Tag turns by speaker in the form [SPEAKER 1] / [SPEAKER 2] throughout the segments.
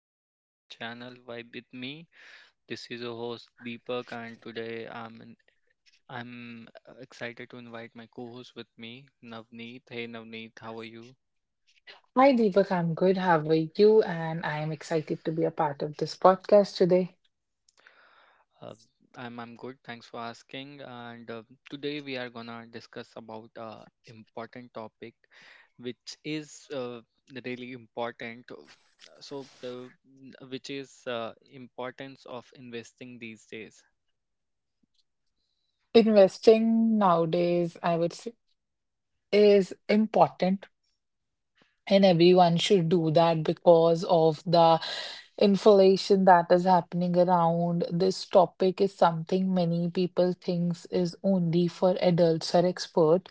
[SPEAKER 1] welcome to our channel Vibe with me. This is your host Deepak, and today I'm excited to invite my co-host with me, Navneet. Hey Navneet, how are you?
[SPEAKER 2] Hi Deepak, I'm good. How are you? And I am excited to be a part of this podcast today.
[SPEAKER 1] Uh, I'm good. Thanks for asking. And today we are gonna discuss about a important topic, which is really important. So, uh, n- which is Importance of investing these days.
[SPEAKER 2] Investing nowadays, I would say, is important and everyone should do that because of the inflation that is happening around. This topic is something many people thinks is only for adults or expert,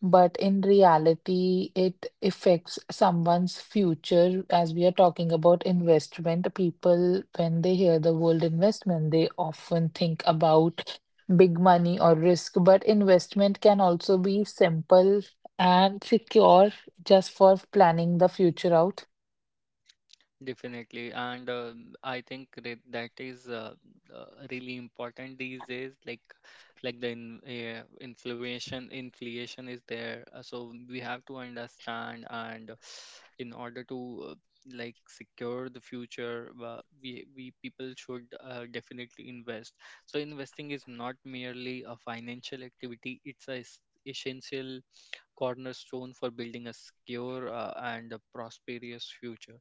[SPEAKER 2] but in reality it affects someone's future. As we are talking about investment, people when they hear the word investment they often think about big money or risk, but investment can also be simple and secure just for planning the future out.
[SPEAKER 1] Definitely, and I think that is uh, really important these days. Like inflation is there, so we have to understand, and in order to like secure the future, we people should definitely invest. So investing is not merely a financial activity; it's essential cornerstone for building a secure and a prosperous future.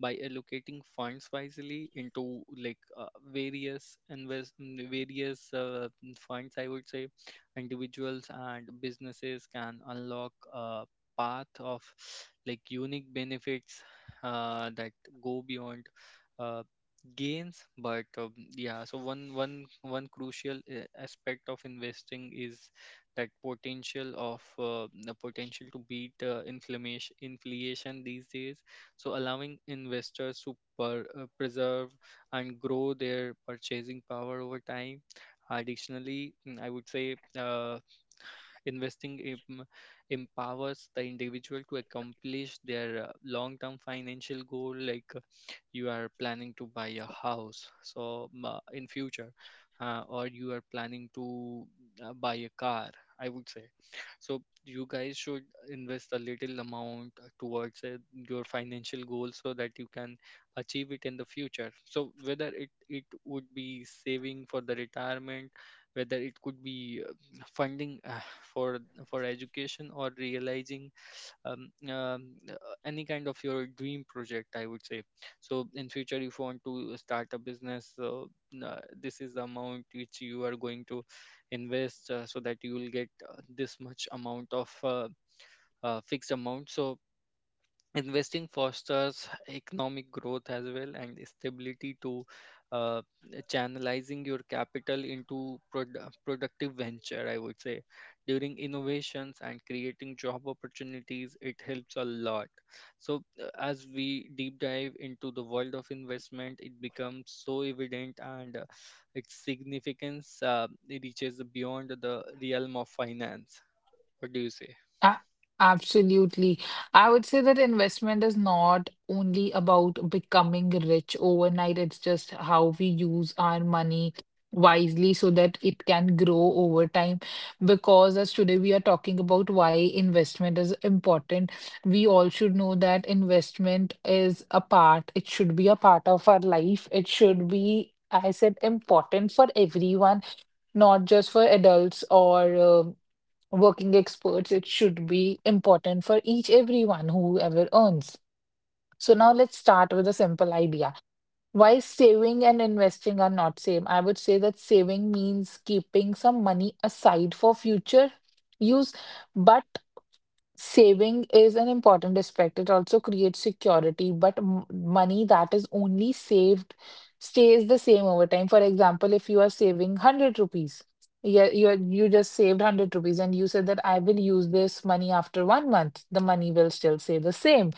[SPEAKER 1] By allocating funds wisely into like various invest mm, various mm, funds, I would say individuals and businesses can unlock a path of like unique benefits that go beyond uh, gains. But yeah, so one crucial aspect of investing is that potential of the potential to beat inflammation inflation these days. So allowing investors to preserve and grow their purchasing power over time. Additionally, I would say, investing empowers the individual to accomplish their long term financial goal, like you are planning to buy a house, so in future, or you are planning to buy a car, I would say. So you guys should invest a little amount towards your financial goal so that you can achieve it in the future. So whether it would be saving for the retirement, whether it could be funding for for education, or realizing um, um, uh, any kind of your dream project, I would say. So in future, if you want to start a business, this is the amount which you are going to invest, so that you will get this much amount of fixed amount. So investing fosters economic growth as well, and stability to uh, channelizing your capital into productive venture, I would say, during innovations and creating job opportunities, it helps a lot. So as we deep dive into the world of investment, it becomes so evident, and its significance, it reaches beyond the realm of finance. What do you say?
[SPEAKER 2] A- Absolutely. I would say that investment is not only about becoming rich overnight, it's just how we use our money wisely so that it can grow over time. Because as today we are talking about why investment is important, we all should know that investment is a part, it should be a part of our life. It should be, I said, important for everyone, not just for adults or working experts. It should be important for each everyone whoever earns. So now let's start with a simple idea. Why saving and investing are not same? I would say that saving means keeping some money aside for future use, but saving is an important aspect. It also creates security, but money that is only saved stays the same over time. For example, if you are saving 100 rupees, yeah, you just saved 100 rupees and you said that I will use this money after 1 month, the money will still stay the same.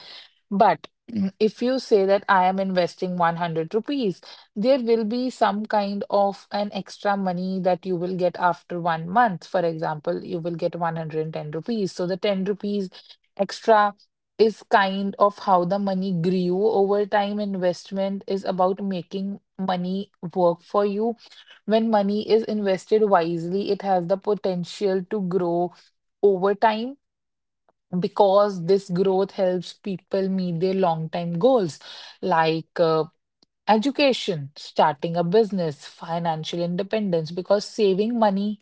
[SPEAKER 2] But if you say that I am investing 100 rupees, there will be some kind of an extra money that you will get after 1 month. For example, you will get 110 rupees. So the 10 rupees extra is kind of how the money grew over time. Investment is about making money work for you. When money is invested wisely, it has the potential to grow over time, because this growth helps people meet their long-term goals like education, starting a business, financial independence. Because saving money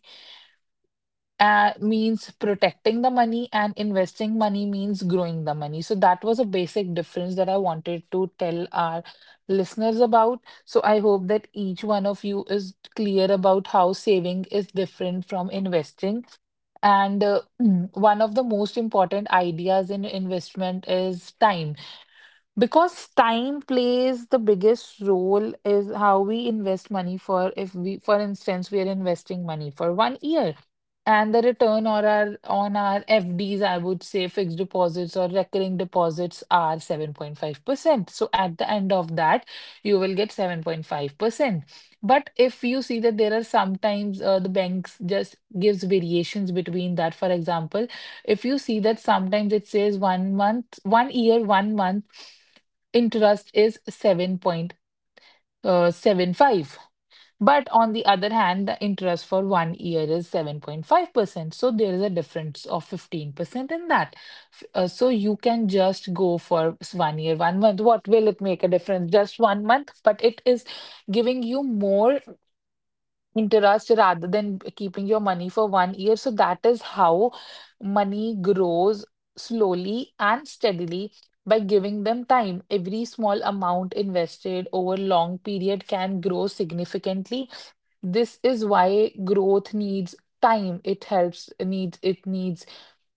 [SPEAKER 2] means protecting the money, and investing money means growing the money. So that was a basic difference that I wanted to tell our listeners about. So I hope that each one of you is clear about how saving is different from investing. And one of the most important ideas in investment is time, because time plays the biggest role is how we invest money. For if we for instance we are investing money for 1 year, and the return or our on our FDs, I would say fixed deposits or recurring deposits, are 7.5%. So at the end of that you will get 7.5%. But if you see that there are sometimes the banks just gives variations between that. For example, if you see that sometimes it says 1 month, 1 year 1 month interest is 7.75%, but on the other hand the interest for 1 year is 7.5%, so there is a difference of 15% in that. So you can just go for 1 year 1 month. What will it make a difference, just 1 month? But it is giving you more interest rather than keeping your money for 1 year. So that is how money grows slowly and steadily by giving them time. Every small amount invested over long period can grow significantly. This is why growth needs time. It helps, needs, it needs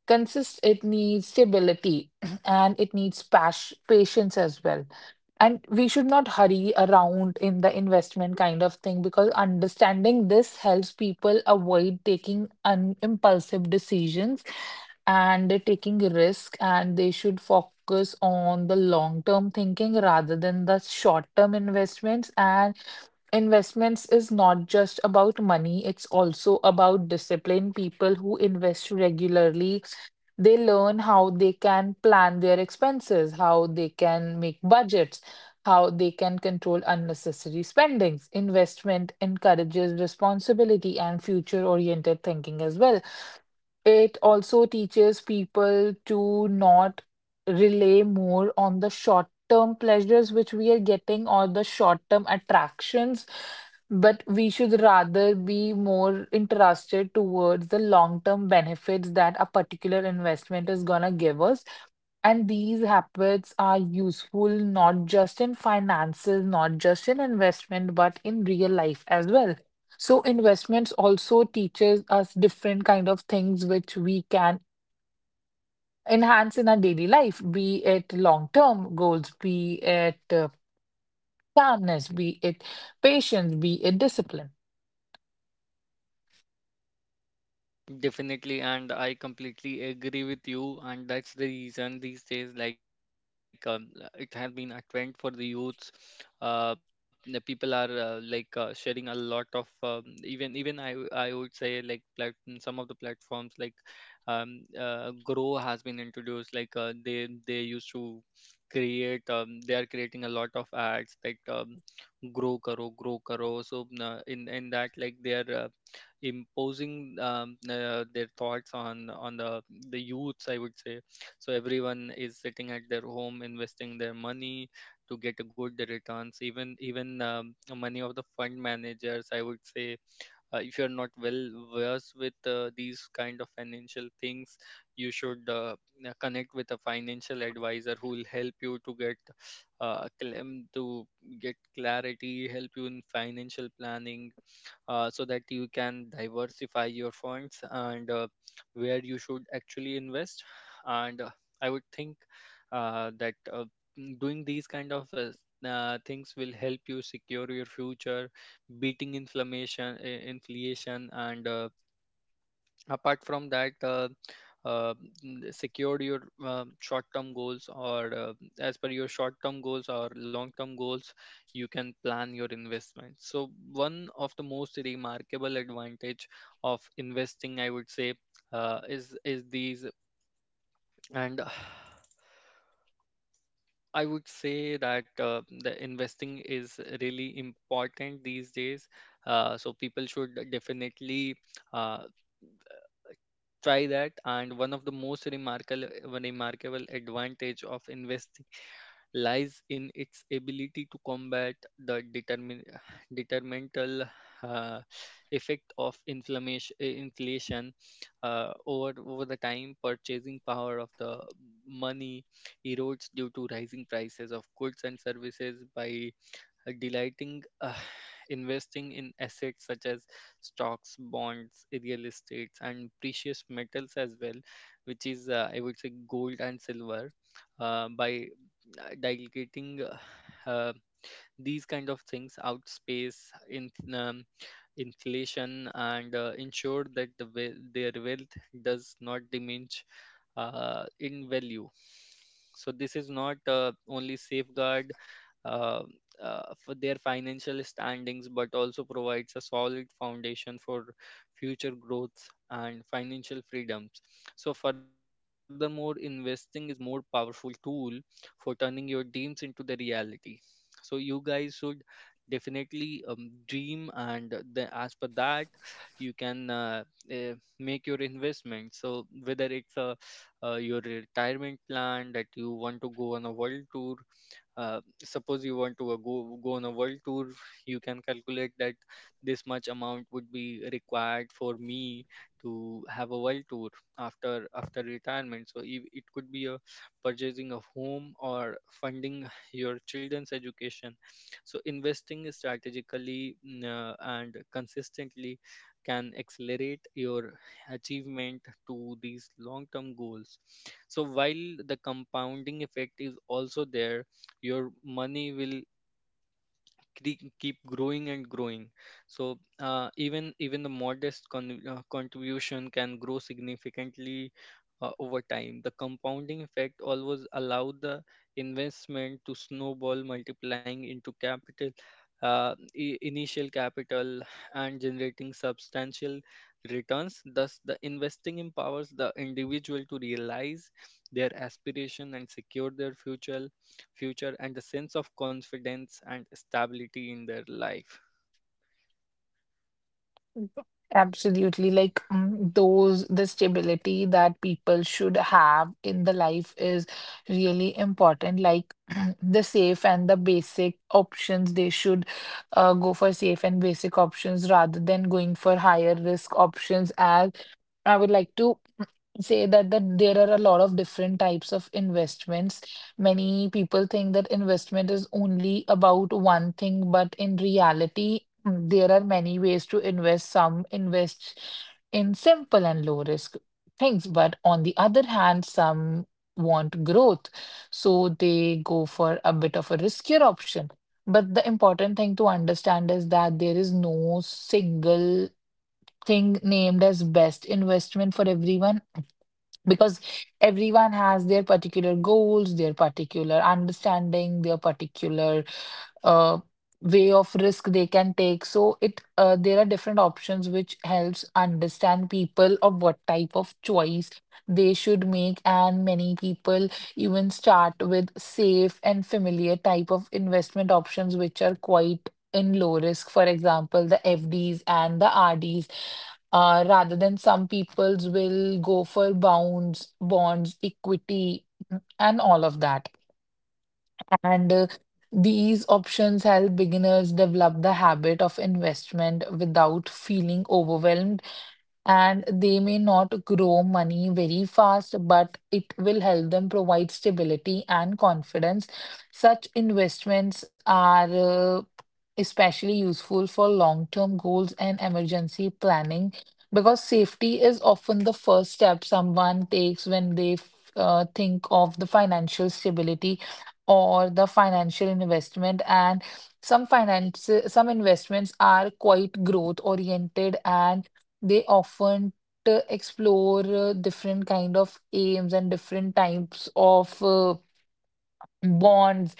[SPEAKER 2] consist, it needs stability, and it needs patience as well. And we should not hurry around in the investment kind of thing, because understanding this helps people avoid taking un impulsive decisions and they're taking risk, and they should focus on the long-term thinking rather than the short-term investments. And investments is not just about money, it's also about discipline. People who invest regularly, they learn how they can plan their expenses, how they can make budgets, how they can control unnecessary spendings. Investment encourages responsibility and future-oriented thinking as well. It also teaches people to not rely more on the short-term pleasures which we are getting or the short-term attractions, but we should rather be more interested towards the long-term benefits that a particular investment is gonna give us. And these habits are useful not just in finances, not just in investment, but in real life as well. So investments also teaches us different kind of things which we can enhance in our daily life, be it long-term goals, be it calmness, be it patience, be it discipline.
[SPEAKER 1] Definitely, and I completely agree with you, and that's the reason these days, like, it has been a trend for the youths. The people are like sharing a lot of even I would say like some of the platforms like Grow has been introduced. Like they used to create they are creating a lot of ads like grow karo grow karo, so in that, like they are imposing their thoughts on the youths, I would say. So everyone is sitting at their home investing their money to get a good returns. Even even Many of the fund managers, I would say, if you're not well versed with these kind of financial things, you should connect with a financial advisor who will help you to to get clarity, help you in financial planning, so that you can diversify your funds, and where you should actually invest. And I would think that doing these kind of things will help you secure your future, beating inflammation inflation, and apart from that, uh, secured your short-term goals, or as per your short-term goals or long-term goals, you can plan your investments. So one of the most remarkable advantage of investing, I would say, is these and. I would say that the investing is really important these days. So people should definitely uh, try that. And one of the most remarkable advantage of investing lies in its ability to combat the determin detrimental uh, effect of inflammation inflation. Over the time, purchasing power of the money erodes due to rising prices of goods and services by delighting investing in assets such as stocks, bonds, real estates, and precious metals as well, which is I would say, gold and silver. By delegating uh, uh, these kind of things out space in inflation, and ensure that their wealth does not diminish in value. So this is not only safeguard uh, for their financial standings, but also provides a solid foundation for future growth and financial freedoms. So furthermore, investing is more powerful tool for turning your dreams into the reality. So you guys should definitely dream and the, as per that you can uh, make your investment. So whether it's a your retirement plan that you want to go on a world tour, suppose you want to go on a world tour, you can calculate that this much amount would be required for me to have a world tour after retirement. So if, it could be a purchasing a home or funding your children's education. So investing strategically, and consistently, can accelerate your achievement to these long term goals. So while the compounding effect is also there, your money will keep growing and growing. So even the modest contribution can grow significantly over time. The compounding effect always allow the investment to snowball, multiplying into capital, uh, initial capital, and generating substantial returns. Thus the investing empowers the individual to realize their aspiration and secure their future and the sense of confidence and stability in their life.
[SPEAKER 2] Absolutely. Like the stability that people should have in the life is really important. Like the safe and the basic options, they should go for safe and basic options rather than going for higher risk options. As I would like to say that there are a lot of different types of investments. Many people think that investment is only about one thing, but in reality, there are many ways to invest. Some invest in simple and low risk things, but on the other hand, some want growth, so they go for a bit of a riskier option. But the important thing to understand is that there is no single thing named as best investment for everyone, because everyone has their particular goals, their particular understanding, their particular uh, way of risk they can take. So it there are different options which helps understand people of what type of choice they should make, and many people even start with safe and familiar type of investment options which are quite in low risk. For example, the FDs and the RDs. Rather than some people's will go for bonds, bonds, equity, and all of that. And these options help beginners develop the habit of investment without feeling overwhelmed, and they may not grow money very fast, but it will help them provide stability and confidence. Such investments are uh, especially useful for long-term goals and emergency planning, because safety is often the first step someone takes when they think of the financial stability or the financial investment. And some finance, some investments are quite growth oriented, and they often to explore different kind of aims and different types of bonds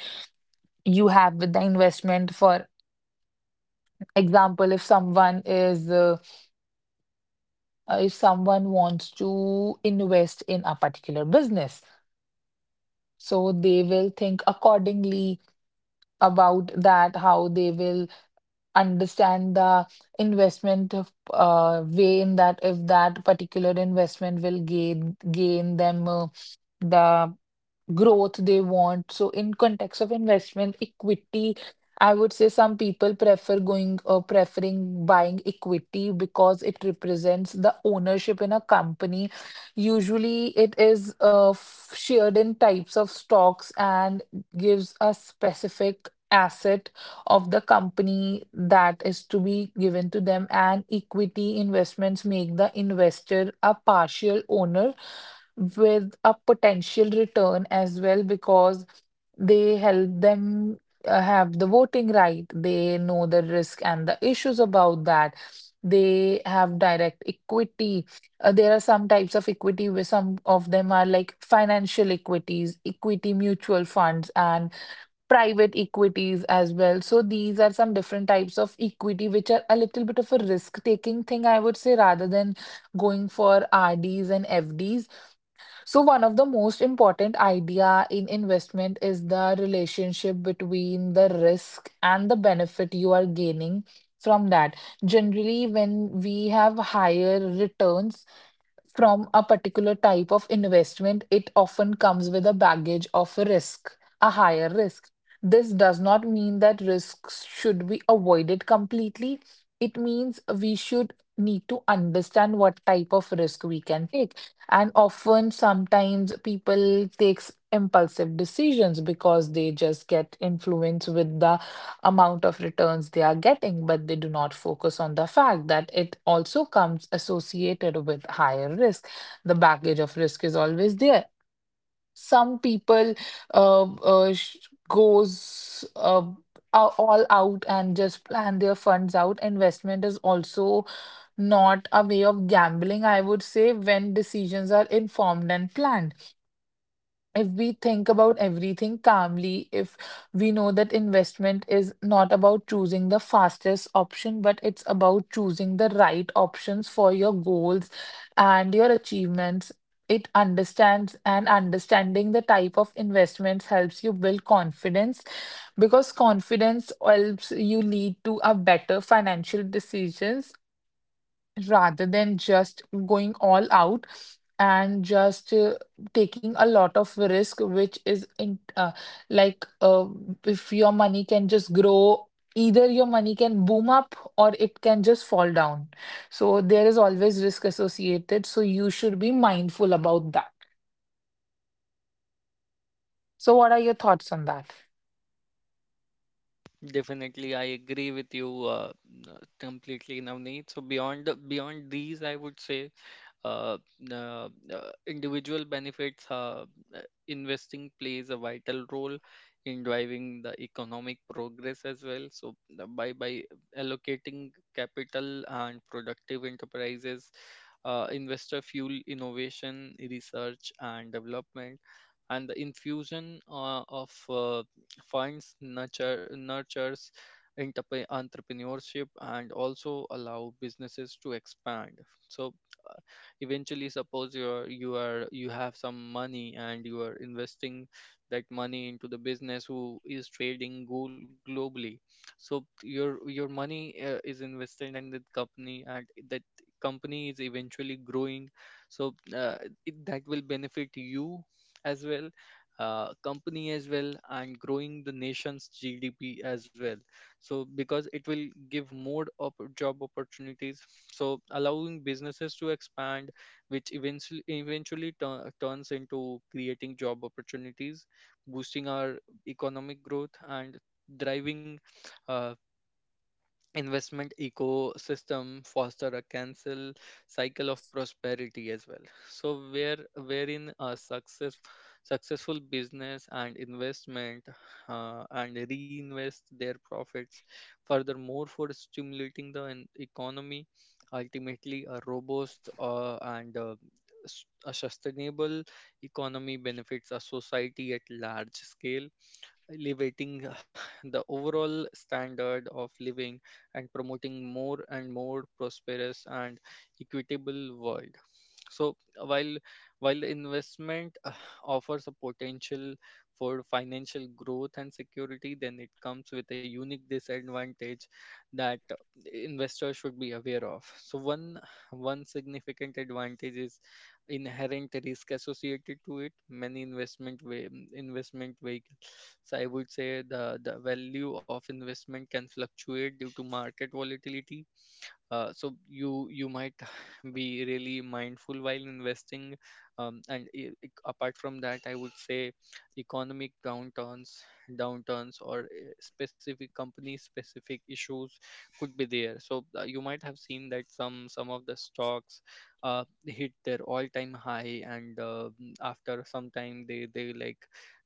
[SPEAKER 2] you have with the investment. For example, if someone is if someone wants to invest in a particular business, so they will think accordingly about that, how they will understand the investment of, way in that, if that particular investment will gain them the growth they want. So, in context of investment equity, I would say some people prefer going preferring buying equity, because it represents the ownership in a company. Usually, it is shared in types of stocks and gives a specific asset of the company that is to be given to them, and equity investments make the investor a partial owner with a potential return as well, because they help them have the voting right. They know the risk and the issues about that. They have direct equity. There are some types of equity where some of them are like financial equities, equity mutual funds, and private equities as well. So these are some different types of equity which are a little bit of a risk taking thing, I would say, rather than going for RDs and FDs. So one of the most important idea in investment is the relationship between the risk and the benefit you are gaining from that. Generally, when we have higher returns from a particular type of investment, it often comes with a baggage of risk, a higher risk. This does not mean that risks should be avoided completely. It means we should need to understand what type of risk we can take. And often, sometimes people takes impulsive decisions because they just get influenced with the amount of returns they are getting, but they do not focus on the fact that it also comes associated with higher risk. The baggage of risk is always there. Some people uh, uh, sh- goes uh, a- all out and just plan their funds out. Investment is also not a way of gambling, I would say. When decisions are informed and planned, if we think about everything calmly, if we know that investment is not about choosing the fastest option, but it's about choosing the right options for your goals and your achievements, it understands and understanding the type of investments helps you build confidence, because confidence helps you lead to a better financial decisions rather than just going all out and just taking a lot of risk, which is in like if your money can just grow, either your money can boom up or it can just fall down. So there is always risk associated, so you should be mindful about that. So what are your thoughts on that?
[SPEAKER 1] Definitely, I agree with you completely, Navneet. So beyond these, I would say, uh, uh, individual benefits, uh, investing plays a vital role in driving the economic progress as well. So by allocating capital and productive enterprises, investor fuel innovation, research and development, and the infusion of funds nurtures entrepreneurship and also allow businesses to expand. So uh, eventually, suppose you're you are you have some money and you are investing that money into the business who is trading globally. So your money is invested in that company and that company is eventually growing. So that will benefit you as well, company as well, and growing the nation's gdp as well. So because it will give more job opportunities, so allowing businesses to expand, which eventually turns into creating job opportunities, boosting our economic growth, and driving uh, investment ecosystem foster a cancel cycle of prosperity as well. So wherein a successful business and investment and reinvest their profits furthermore for stimulating the economy. Ultimately, a robust and a sustainable economy benefits a society at large scale, elevating the overall standard of living and promoting more and more prosperous and equitable world. So while while investment offers a potential for financial growth and security, then it comes with a unique disadvantage that investors should be aware of. So one significant advantage is inherent risk associated to it, many investment vehicles. So I would say the value of investment can fluctuate due to market volatility. So you might be really mindful while investing. And apart from that, I would say, economic downturns or specific company specific issues could be there. So you might have seen that some of the stocks hit their all time high, and after some time,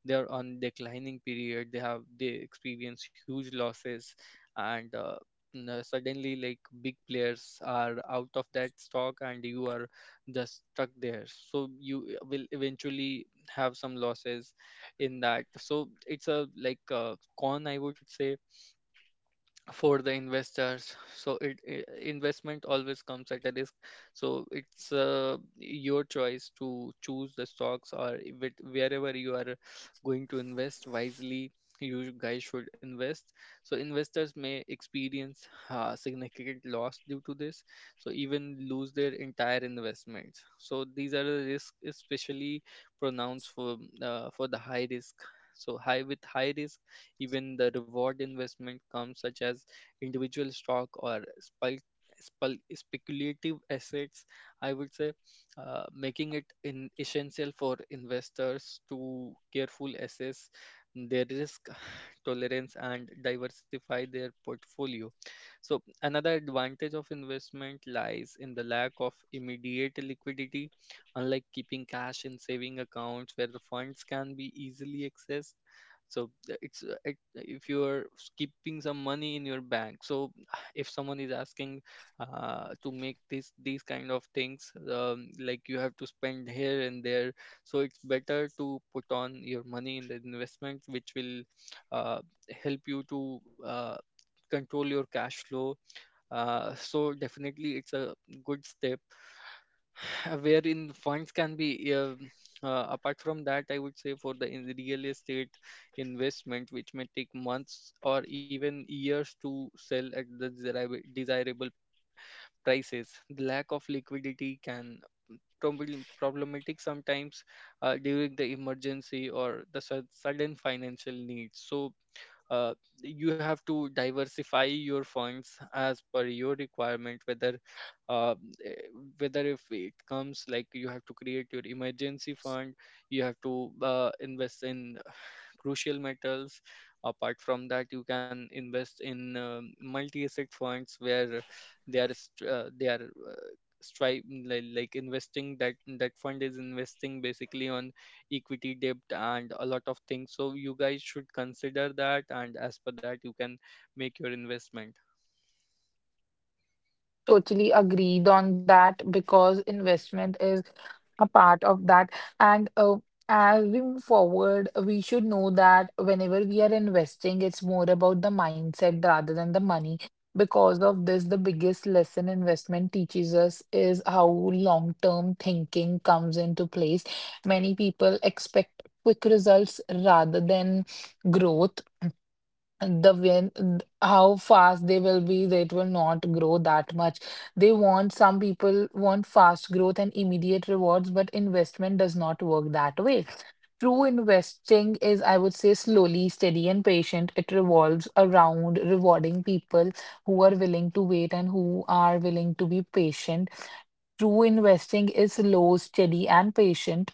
[SPEAKER 1] they're on declining period, they experience huge losses. And suddenly, like, big players are out of that stock and you are just stuck there. So will eventually have some losses in that. So it's a like a con, I would say, for the investors. So it, I investment always comes at a risk. So it's your choice to choose the stocks or with wherever you are going to invest wisely. You guys should invest. So investors may experience significant loss due to this, so even lose their entire investments. So these are the risks, especially pronounced for the high risk. So high with high risk, even the reward investment comes, such as individual stock or speculative assets, I would say, making it in essential for investors to careful assess their risk tolerance and diversify their portfolio. So another advantage of investment lies in the lack of immediate liquidity, unlike keeping cash in saving accounts where the funds can be easily accessed. So if you're keeping some money in your bank, so if someone is asking to make this these kind of things, like you have to spend here and there, so it's better to put on your money in the investment which will uh, help you to control your cash flow. So definitely it's a good step wherein funds can be apart from that, I would say, for the real estate investment which may take months or even years to sell at the desirable prices, the lack of liquidity can problematic sometimes during the emergency or the sudden financial needs. So uh, you have to diversify your funds as per your requirement, whether, uh, eh, whether if it comes like you have to create your emergency fund, you have to invest in crucial metals. Apart from that, you can invest in multi-asset funds where they are st- they are stri- like investing, that fund is investing basically on equity debt and a lot of things, so you guys should consider that, and as per that you can make your investment.
[SPEAKER 2] Totally agreed on that, because investment is a part of that. And As we move forward, we should know that whenever we are investing, it's more about the mindset rather than the money. Because of this, the biggest lesson investment teaches us is how long-term thinking comes into place. Many people expect quick results rather than growth. How fast they will be, it will not grow that much. They want Some people want fast growth and immediate rewards, but investment does not work that way. True investing is, I would say, slowly, steady, and patient. It revolves around rewarding people who are willing to wait and who are willing to be patient. True investing is slow, steady, and patient,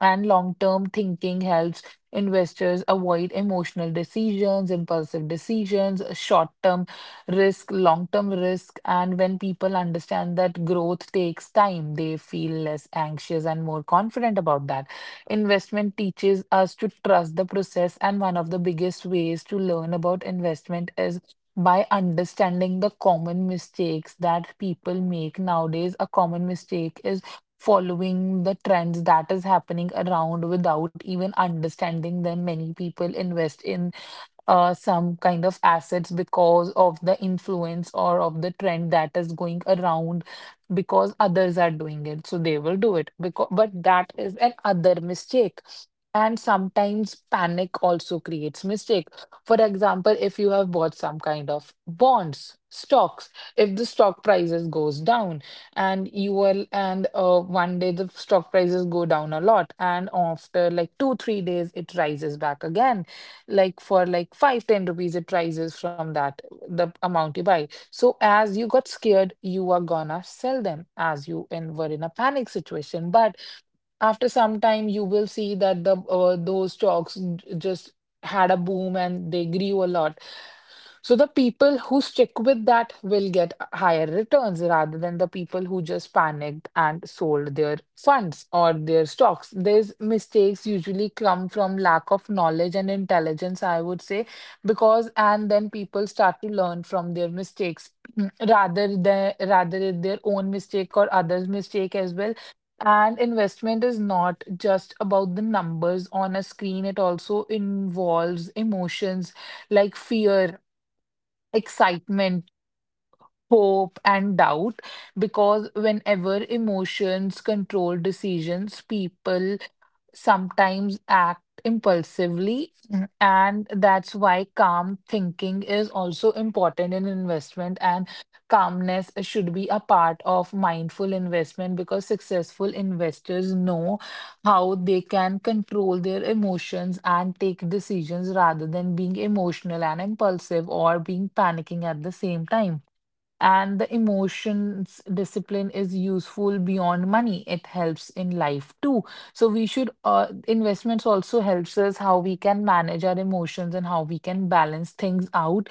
[SPEAKER 2] and long-term thinking helps investors avoid emotional decisions, impulsive decisions, short-term risk, long-term risk. And when people understand that growth takes time, they feel less anxious and more confident about that. Investment teaches us to trust the process, and one of the biggest ways to learn about investment is by understanding the common mistakes that people make. Nowadays a common mistake is following the trends that is happening around without even understanding them. Many people invest in some kind of assets because of the influence or of the trend that is going around, because others are doing it, so they will do it, because but that is an other mistake. And sometimes panic also creates mistake. For example, if you have bought some kind of bonds, stocks, if the stock prices goes down, and you will and one day the stock prices go down a lot, and after like 2 3 days it rises back again, like for like 5-10 rupees it rises from that the amount you buy. So as you got scared, you are gonna sell them as you and were in a panic situation. But after some time you will see that the those stocks just had a boom and they grew a lot. So the people who stick with that will get higher returns rather than the people who just panicked and sold their funds or their stocks. These mistakes usually come from lack of knowledge and intelligence, I would say, because and then people start to learn from their mistakes rather than rather their own mistake or others mistake as well. And investment is not just about the numbers on a screen, it also involves emotions like fear, excitement, hope, and doubt. Because whenever emotions control decisions, people sometimes act impulsively. Mhm. And that's why calm thinking is also important in investment. And calmness should be a part of mindful investment, because successful investors know how they can control their emotions and take decisions rather than being emotional and impulsive or being panicking at the same time. And the emotions discipline is useful beyond money, it helps in life too. So we should, investments also helps us how we can manage our emotions and how we can balance things out.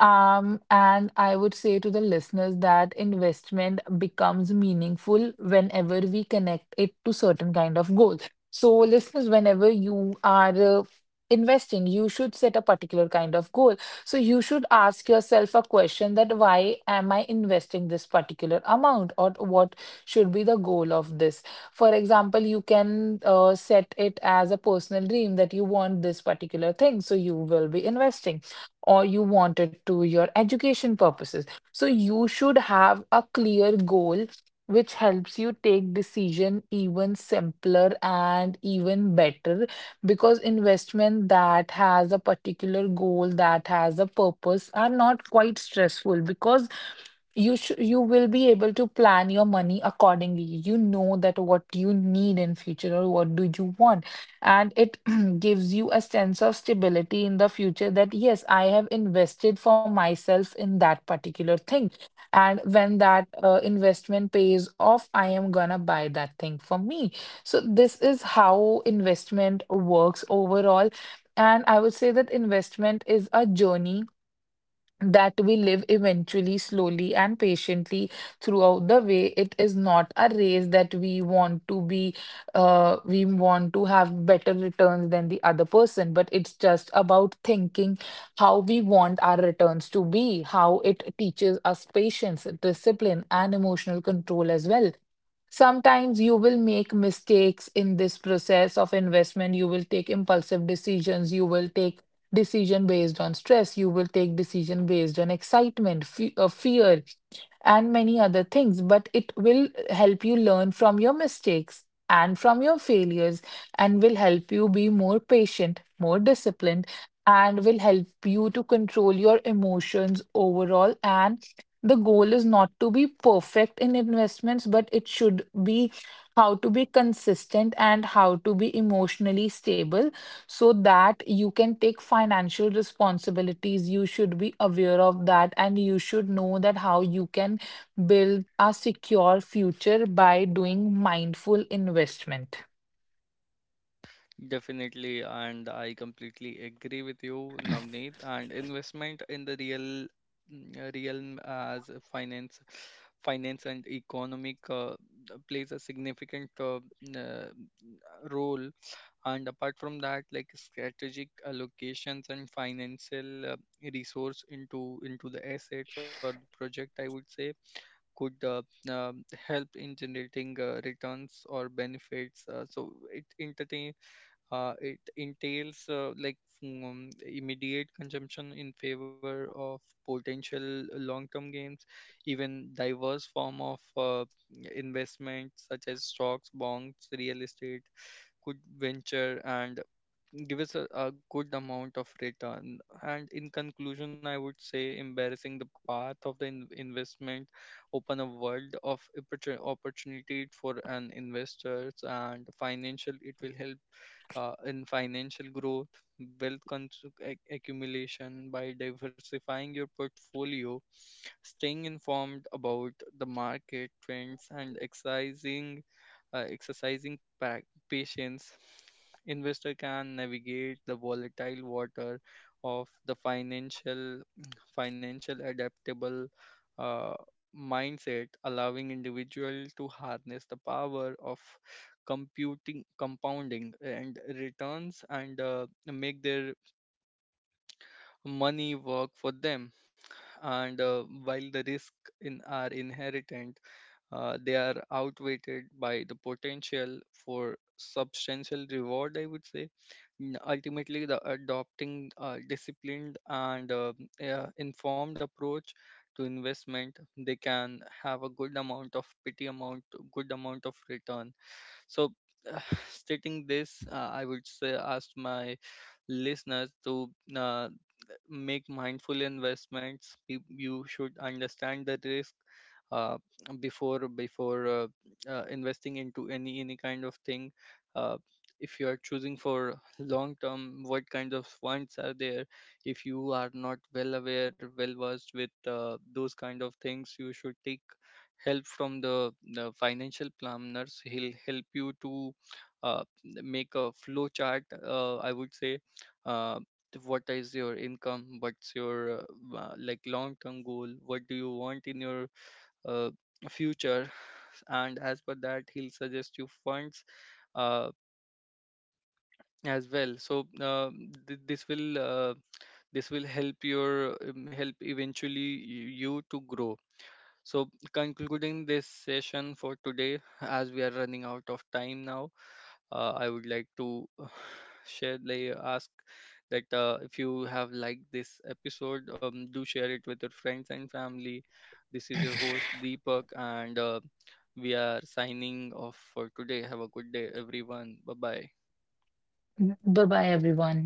[SPEAKER 2] And I would say to the listeners that investment becomes meaningful whenever we connect it to certain kind of goals. So, listeners, whenever you are investing, you should set a particular kind of goal. So, you should ask yourself a question that why am I investing this particular amount, or what should be the goal of this? For example, you can set it as a personal dream that you want this particular thing, so you will be investing, or you want it to your education purposes. So you should have a clear goal which helps you take decision even simpler and even better, because investment that has a particular goal that has a purpose are not quite stressful, because you will be able to plan your money accordingly. You know that what you need in future or what do you want. And it gives you a sense of stability in the future, that yes, I have invested for myself in that particular thing, and when that investment pays off, I am gonna buy that thing for me. So this is how investment works overall. And I would say that investment is a journey that we live eventually, slowly, and patiently throughout the way. It is not a race that we want to be, we want to have better returns than the other person, but it's just about thinking how we want our returns to be, how it teaches us patience, discipline, and emotional control as well. Sometimes you will make mistakes in this process of investment. You will take impulsive decisions. You will take decision based on stress. You will take decision based on excitement, fear, and many other things, but it will help you learn from your mistakes and from your failures, and will help you be more patient, more disciplined, and will help you to control your emotions overall. And the goal is not to be perfect in investments, but it should be how to be consistent and how to be emotionally stable so that you can take financial responsibilities. You should be aware of that, and you should know that how you can build a secure future by doing mindful investment.
[SPEAKER 1] Definitely, and I completely agree with you, Navneet. And investment in the realm as a finance and economic plays a significant role. And apart from that, like strategic allocations and financial resource into the assets or the project, I would say, could help in generating returns or benefits. It entails, like, immediate consumption in favor of potential long-term gains, even diverse form of investments such as stocks, bonds, real estate, could venture, and give us a good amount of return. And in conclusion, I would say embarrassing the path of the investment open a world of opportunity for an investors and financial. It will help in financial growth, wealth accumulation by diversifying your portfolio, staying informed about the market trends, and exercising patience. Investor can navigate the volatile water of the financial adaptable uh, mindset, allowing individual to harness the power of computing compounding and returns, and make their money work for them. And while the risk in are inherent, they are outweighed by the potential for substantial reward, I would say. Ultimately, the adopting a disciplined and informed approach to investment, they can have a good amount of return. So, uh, stating this, I would say ask my listeners to uh, make mindful investments. You should understand the risk uh, before investing into any kind of thing. Uh, if you are choosing for long term, what kind of funds are there? If you are not well aware, well versed with those kind of things, you should take help from the financial planners. He'll help you to make a flow chart. I would say uh, to what is your income, what's your like long term goal, what do you want in your uh, future, and as per that he'll suggest you funds uh, as well. So uh, th- this will uh, this will help your help eventually you to grow. So, concluding this session for today, as we are running out of time now, I would like to share, like, ask that if you have liked this episode, do share it with your friends and family. This is your host Deepak, and we are signing off for today. Have a good day, everyone. Bye bye.
[SPEAKER 2] Bye bye, everyone.